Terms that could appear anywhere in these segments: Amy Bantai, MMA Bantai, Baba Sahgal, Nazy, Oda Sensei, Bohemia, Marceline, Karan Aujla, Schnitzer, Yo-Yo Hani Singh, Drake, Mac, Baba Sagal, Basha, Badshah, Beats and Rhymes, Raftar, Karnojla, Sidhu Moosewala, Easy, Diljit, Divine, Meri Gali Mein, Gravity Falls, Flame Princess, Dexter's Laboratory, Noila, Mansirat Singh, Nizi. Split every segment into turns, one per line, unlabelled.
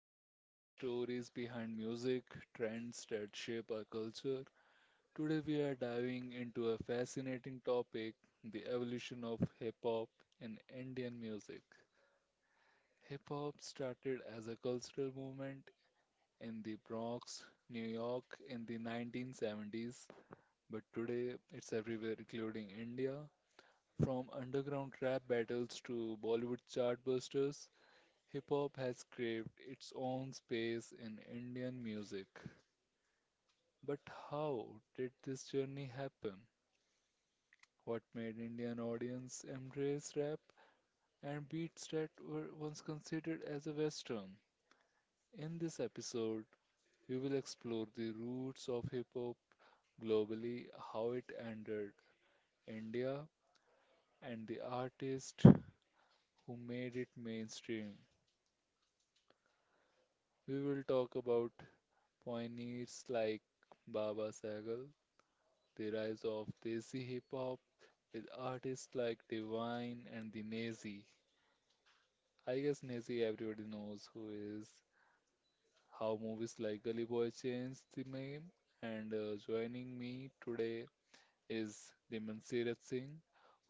explore the stories behind music, trends that shape our culture. Today we are diving into a fascinating topic, the evolution of hip hop in Indian music. Hip hop started as a cultural movement in the Bronx, New York in the 1970s, but today it's everywhere including India. From underground rap battles to Bollywood chartbusters, hip hop has craved its own space in Indian music. But how did this journey happen? What made Indian audience embrace rap and beats that were once considered as a western? In this episode, we will explore the roots of hip hop globally, how it entered India, and the artists who made it mainstream. We will talk about pioneers like Baba Sagal, the rise of Desi hip hop with artists like Divine and the Nazi. I guess Nazi everybody knows who is. How movies like Gully Boy changed the name. And Joining me today is the Mansirat Singh,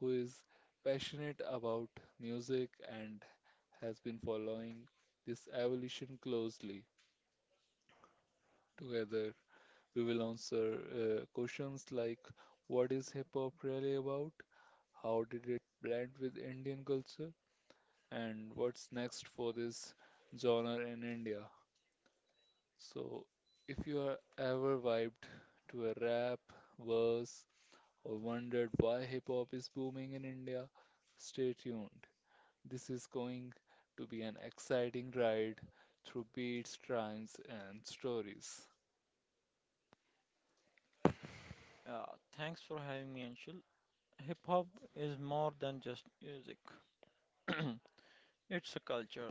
who is passionate about music and has been following this evolution closely. Together, we will answer questions like what is hip hop really about, how did it blend with Indian culture, and what's next for this genre in India. So, if you are ever vibed to a rap, verse, or wondered why hip hop is booming in India, stay tuned. This is going to be an exciting ride through beats, rhymes, and stories.
Yeah, thanks for having me, Anshul. Hip hop is more than just music. It's a culture,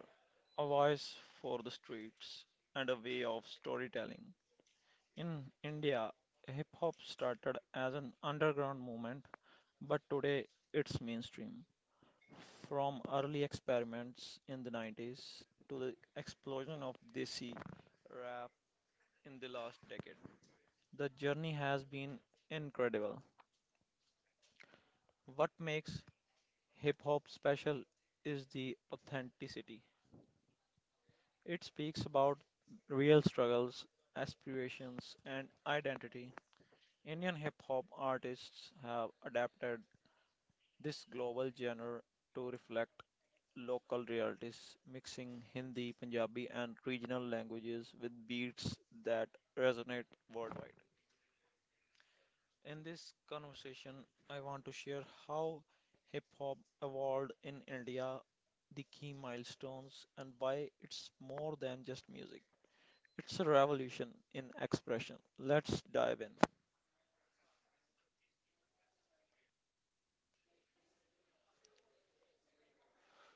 a voice for the streets, and a way of storytelling. In India, hip hop started as an underground movement, but today it's mainstream. From early experiments in the 90s to the explosion of Desi rap in the last decade, the journey has been incredible. What makes Hip Hop Special is the authenticity. It speaks about real struggles, aspirations, and identity. Indian hip hop artists have adapted this global genre to reflect local realities, mixing Hindi, Punjabi, and regional languages with beats that resonate worldwide. In this conversation, I want to share how hip hop evolved in India, the key milestones, and why it's more than just music. It's a revolution in expression. Let's dive in.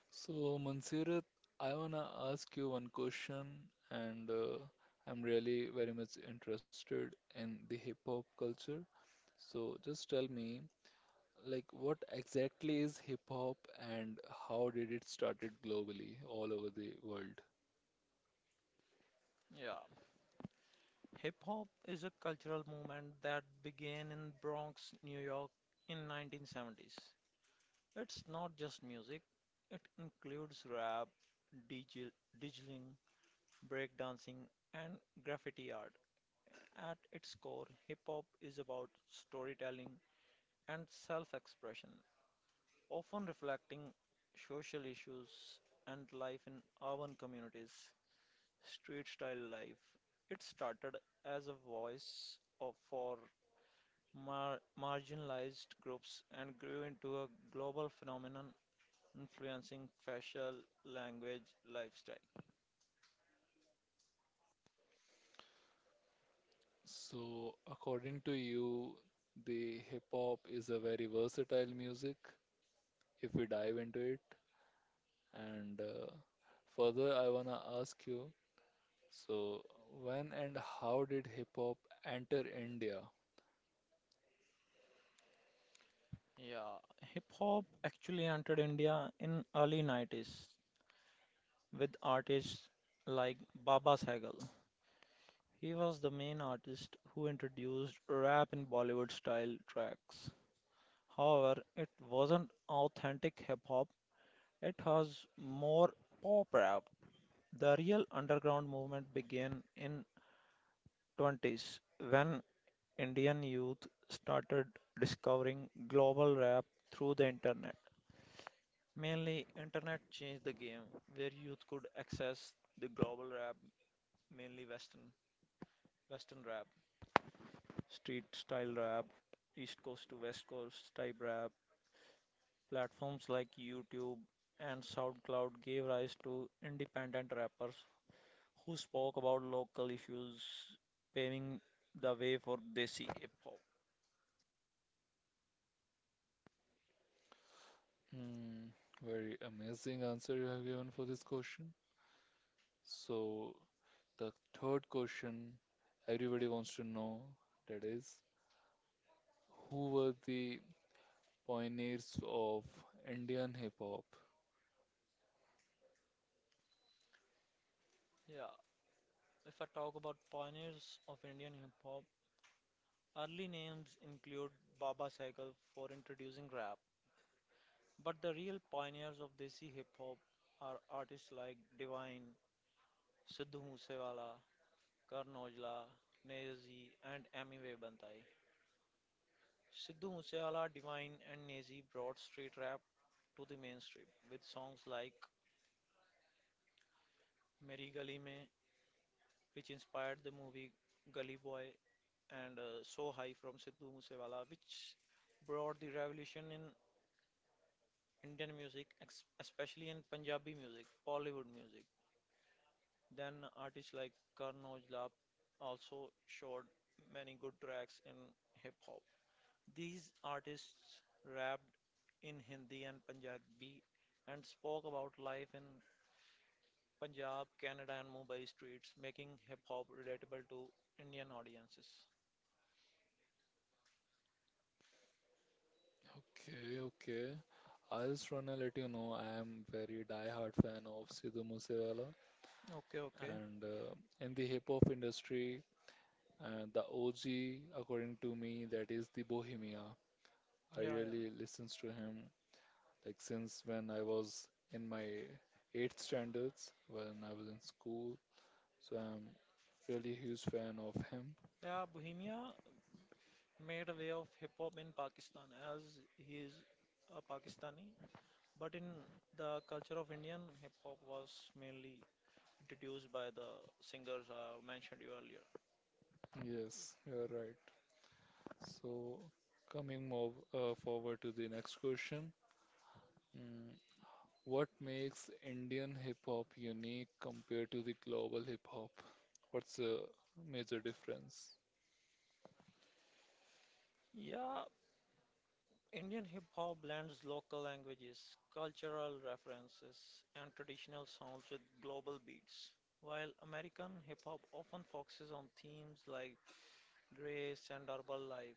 So, Mansirat, I want to ask you one question, and I'm really very much interested in the hip hop culture. So, just tell me, like, what exactly is hip hop and how did it started globally, all over the world?
Yeah, hip hop is a cultural movement that began in Bronx, New York in 1970s. It's not just music. It includes rap, digi- digiling, breakdancing, and graffiti art. At its core, hip hop is about storytelling and self expression, often reflecting social issues and life in urban communities. Street style life. It started as a voice of, for marginalized groups and grew into a global phenomenon influencing facial language lifestyle.
So, according to you, the hip hop is a very versatile music if we dive into it. And Further, I want to ask you. So, when and how did hip hop enter India?
Yeah, hip hop actually entered India in early 90s with artists like Baba Sahgal. He was the main artist who introduced rap in Bollywood style tracks. However, it wasn't authentic hip hop, it was more pop rap. The real underground movement began in 20s when Indian youth started discovering global rap through the internet. Mainly internet changed the game where youth could access the global rap mainly Western rap, street style rap, East Coast to West Coast type rap. Platforms like YouTube and SoundCloud gave rise to independent rappers who spoke about local issues, paving the way for Desi hip hop.
Hmm, very amazing answer you have given for this question. So, the third question everybody wants to know that is, who were the pioneers of Indian hip hop?
Yeah, if I talk about pioneers of Indian hip hop, early names include Baba Cycle for introducing rap, but the real pioneers of Desi hip hop are artists like Divine, Sidhu Moosewala, Karan Aujla, Nazi, and Amy Bantai. Sidhu Moosewala, Divine, and Nazi brought street rap to the mainstream with songs like Meri Gali Mein, which inspired the movie Gully Boy, and So High from Sidhu Moosewala, which brought the revolution in Indian music, especially in Punjabi music, Bollywood music. Then artists like Karan Aujla also showed many good tracks in hip hop. These artists rapped in Hindi and Punjabi and spoke about life in Punjab, Canada, and Mumbai streets, making hip hop relatable to Indian audiences.
Okay, okay. I just wanna let you know I am very die-hard fan of Sidhu Moosewala,
Okay, okay.
and in the hip hop industry, and the OG, according to me, that is the Bohemia. I
Yeah,
really
yeah.
listens to him like since when I was in my eighth standards when I was in school. So I'm really a huge fan of him.
Yeah, Bohemia made a way of hip hop in Pakistan as he is a Pakistani. But in the culture of Indian, hip hop was mainly introduced by the singers I mentioned you earlier.
Yes, you're right. So coming more forward to the next question. Mm, what makes Indian hip hop unique compared to the global hip hop? What's the major difference?
Yeah, Indian hip hop blends local languages, cultural references, and traditional sounds with global beats, while American hip hop often focuses on themes like race and urban life.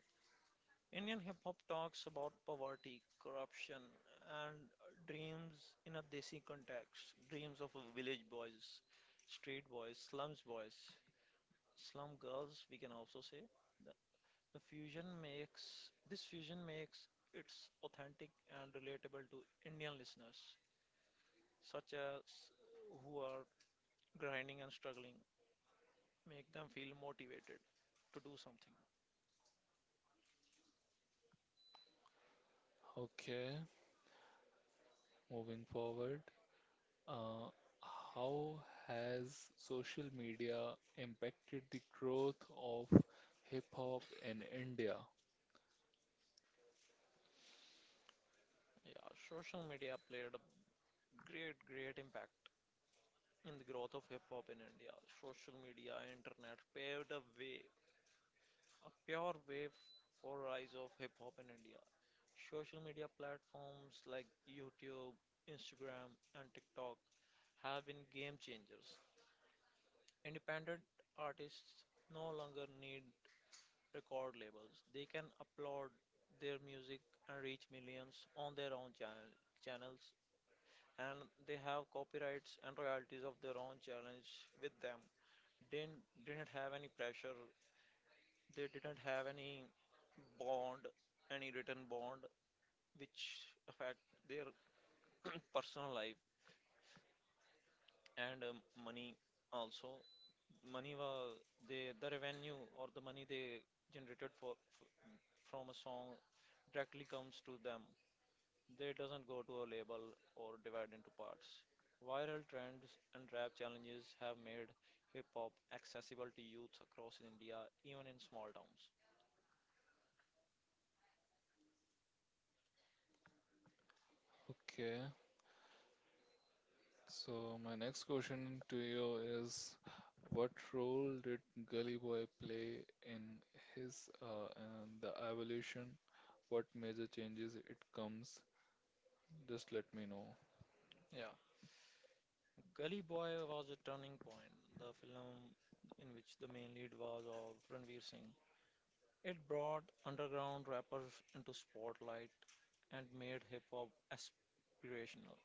Indian hip hop talks about poverty, corruption, and dreams in a desi context, dreams of village boys, street boys, slums boys, slum girls, we can also say. The fusion makes This fusion makes it's authentic and relatable to Indian listeners, such as who are grinding and struggling, make them feel motivated to do something.
Okay, moving forward. Uh, how has social media impacted the growth of hip hop in India?
Yeah, social media played a great impact in the growth of hip hop in India. Social media, internet paved a way a pure wave for rise of hip hop in India. Social media platforms like YouTube, Instagram, and TikTok have been game changers. Independent artists no longer need record labels. They can upload their music and reach millions on their own channels and they have copyrights and royalties of their own challenge with them. They didn't have any pressure. They didn't have any bond, any written bond, which affect their personal life and money also. Money was they the revenue or the money they generated for from a song directly comes to them. They doesn't go to a label or divide into parts. Viral trends and rap challenges have made hip hop accessible to youth across India, even in small towns.
Okay, so my next question to you is, what role did Gully Boy play in his and the evolution? What major changes it comes? Just let me know.
Yeah, Gully Boy was a turning point, the film in which the main lead was of Ranveer Singh. It brought underground rappers into spotlight and made hip hop aspirational.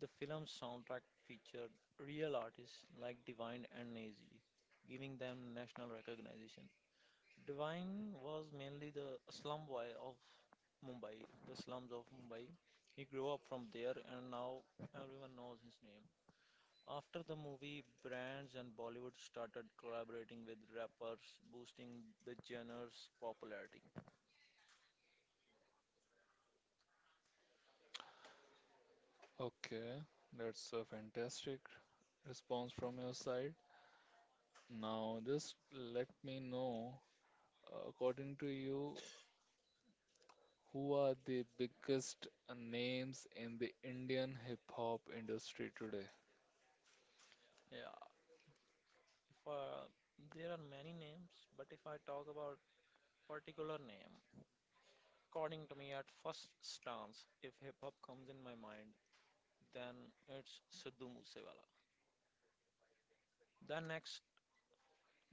The film's soundtrack featured real artists like Divine and Nazy, giving them national recognition. Divine was mainly the slum boy of Mumbai, the slums of Mumbai. He grew up from there and now everyone knows his name. After the movie, brands and Bollywood started collaborating with rappers, boosting the genre's popularity.
Okay, that's a fantastic response from your side. Now, just let me know. According to you, who are the biggest names in the Indian hip hop industry today?
Yeah, if, there are many names, but if I talk about particular name, according to me, at first stance, if hip hop comes in my mind, then it's Sidhu Moosewala. Then next,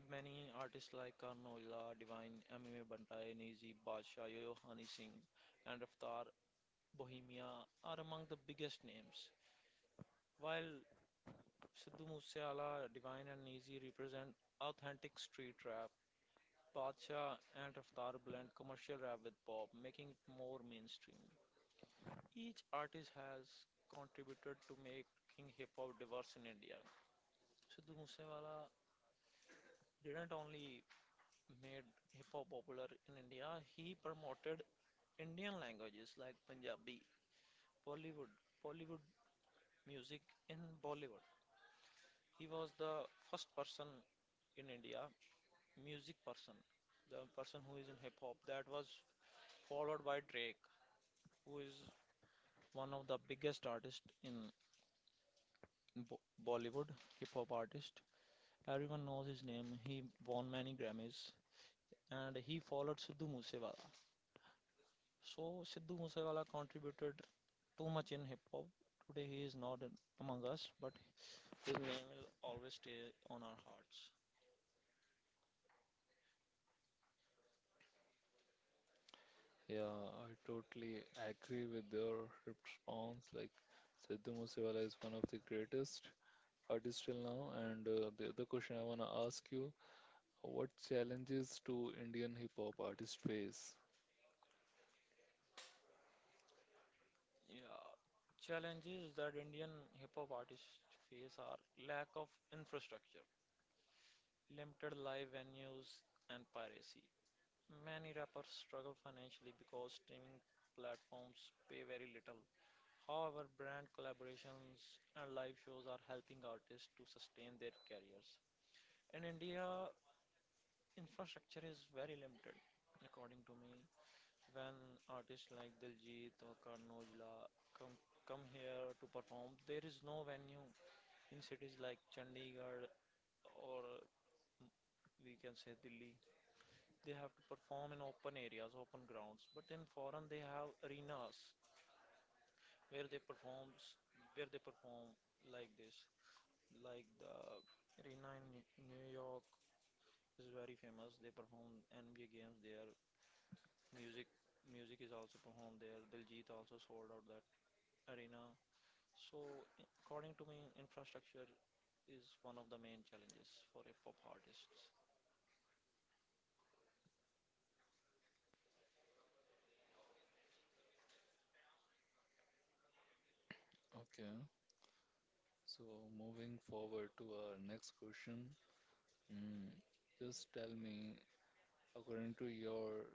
many artists like Noila, Divine, MMA Bantai, Nizi, Basha, Yo-Yo Hani Singh, and Raftar, Bohemia are among the biggest names. While Sidhu Moosewala, Divine and Easy represent authentic street rap. Badshah and Raftar blend commercial rap with pop, making it more mainstream. Each artist has contributed to making hip hop diverse in India. Sidhu Moosewala didn't only made hip hop popular in India, he promoted Indian languages like Punjabi, Bollywood, Bollywood music in Bollywood. He was the first person in India music person, the person who is in hip hop. That was followed by Drake, who is one of the biggest artists in Bo- Bollywood, hip hop artist. Everyone knows his name. He won many Grammys, and he followed Sidhu Moosewala. So Sidhu Moosewala contributed too much in hip hop. Today he is not among us, but his name will always stay on our hearts.
Yeah, I totally agree with your response. Like, Sidhu Moosewala is one of the greatest artists till now. And The other question I want to ask you, what challenges do Indian hip hop artists face?
Yeah, challenges that Indian hip hop artists face are lack of infrastructure. Limited live venues, and piracy. Many rappers struggle financially because streaming platforms pay very little. However, brand collaborations and live shows are helping artists to sustain their careers. In India, infrastructure is very limited, according to me. When artists like Diljit or Karnojla come come here to perform, there is no venue in cities like Chandigarh or we can say Delhi they have to perform in open areas, open grounds. But in foreign, they have arenas where they performs, where they perform like this. Like the arena in New York is very famous. They perform NBA games there. Music, music is also performed there. Diljit also sold out that arena. So according to me, infrastructure is one of the main challenges for hip hop artists.
Okay, so moving forward to our next question. Mm, just tell me, according to your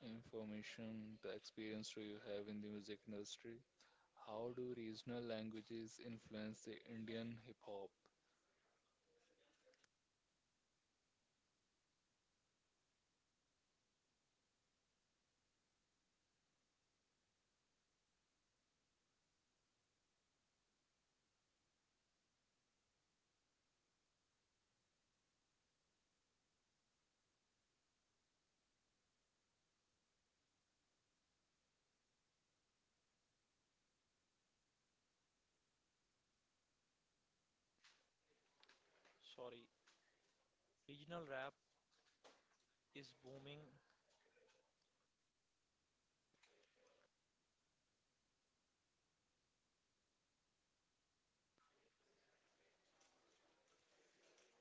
information, the experience do you have in the music industry? How do regional languages influence the Indian hip hop?
Sorry, regional rap is booming.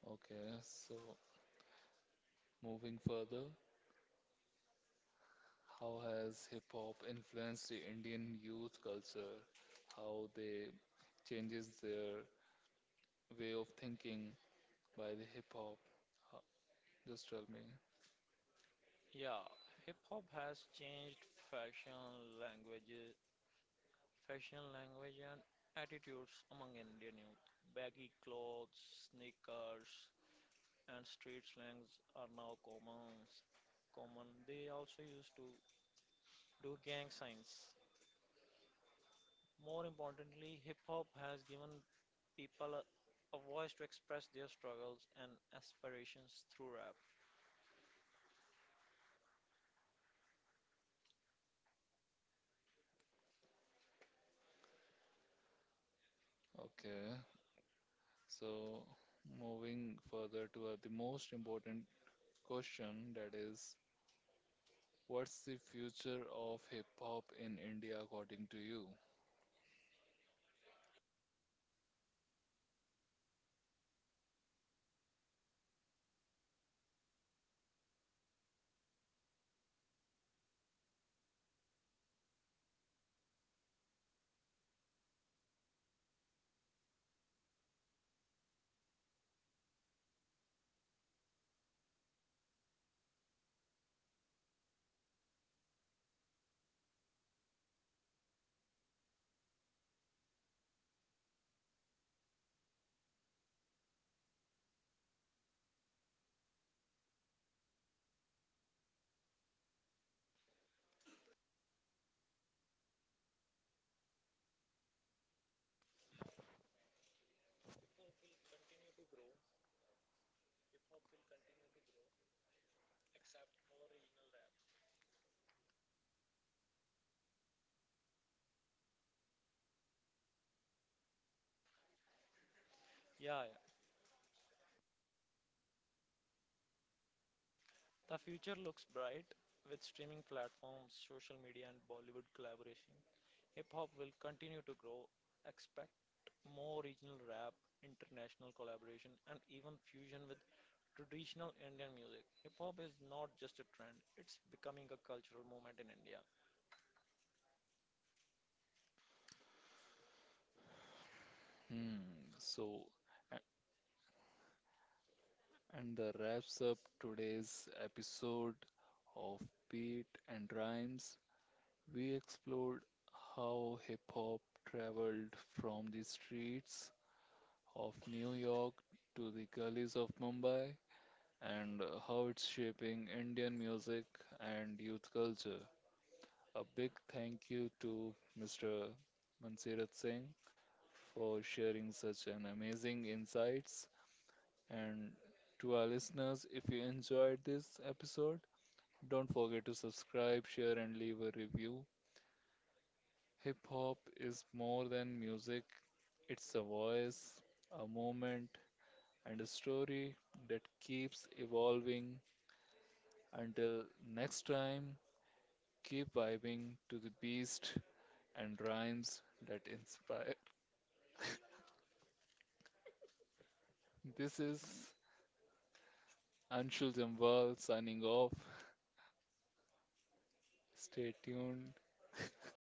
Okay, so moving further, how has hip hop influenced the Indian youth culture? How they changes their way of thinking by the hip hop? Ho- Just tell me.
Yeah, hip hop has changed fashion, language, and attitudes among Indian youth. Baggy clothes, sneakers, and street slangs are now Common. They also used to do gang signs. More importantly, hip hop has given people a voice to express their struggles and aspirations through rap.
Okay, so moving further toward the most important question that is, what's the future of hip hop in India according to you?
Yeah, the future looks bright with streaming platforms, social media, and Bollywood collaboration. Hip hop will continue to grow. Expect more regional rap, international collaboration, and even fusion with traditional Indian music. Hip hop is not just a trend, it's becoming a cultural movement in India.
Hmm. So, and that wraps up today's episode of Beat and Rhymes. We explored how hip hop traveled from the streets of New York to the gullies of Mumbai and how it's shaping Indian music and youth culture. A big thank you to Mr. Mansirat Singh for sharing such an amazing insights. And to our listeners, if you enjoyed this episode, don't forget to subscribe, share, and leave a review. Hip hop is more than music, it's a voice, a moment, and a story that keeps evolving. Until next time, keep vibing to the beast and rhymes that inspire. This is Anshul Jambal signing off. Stay tuned.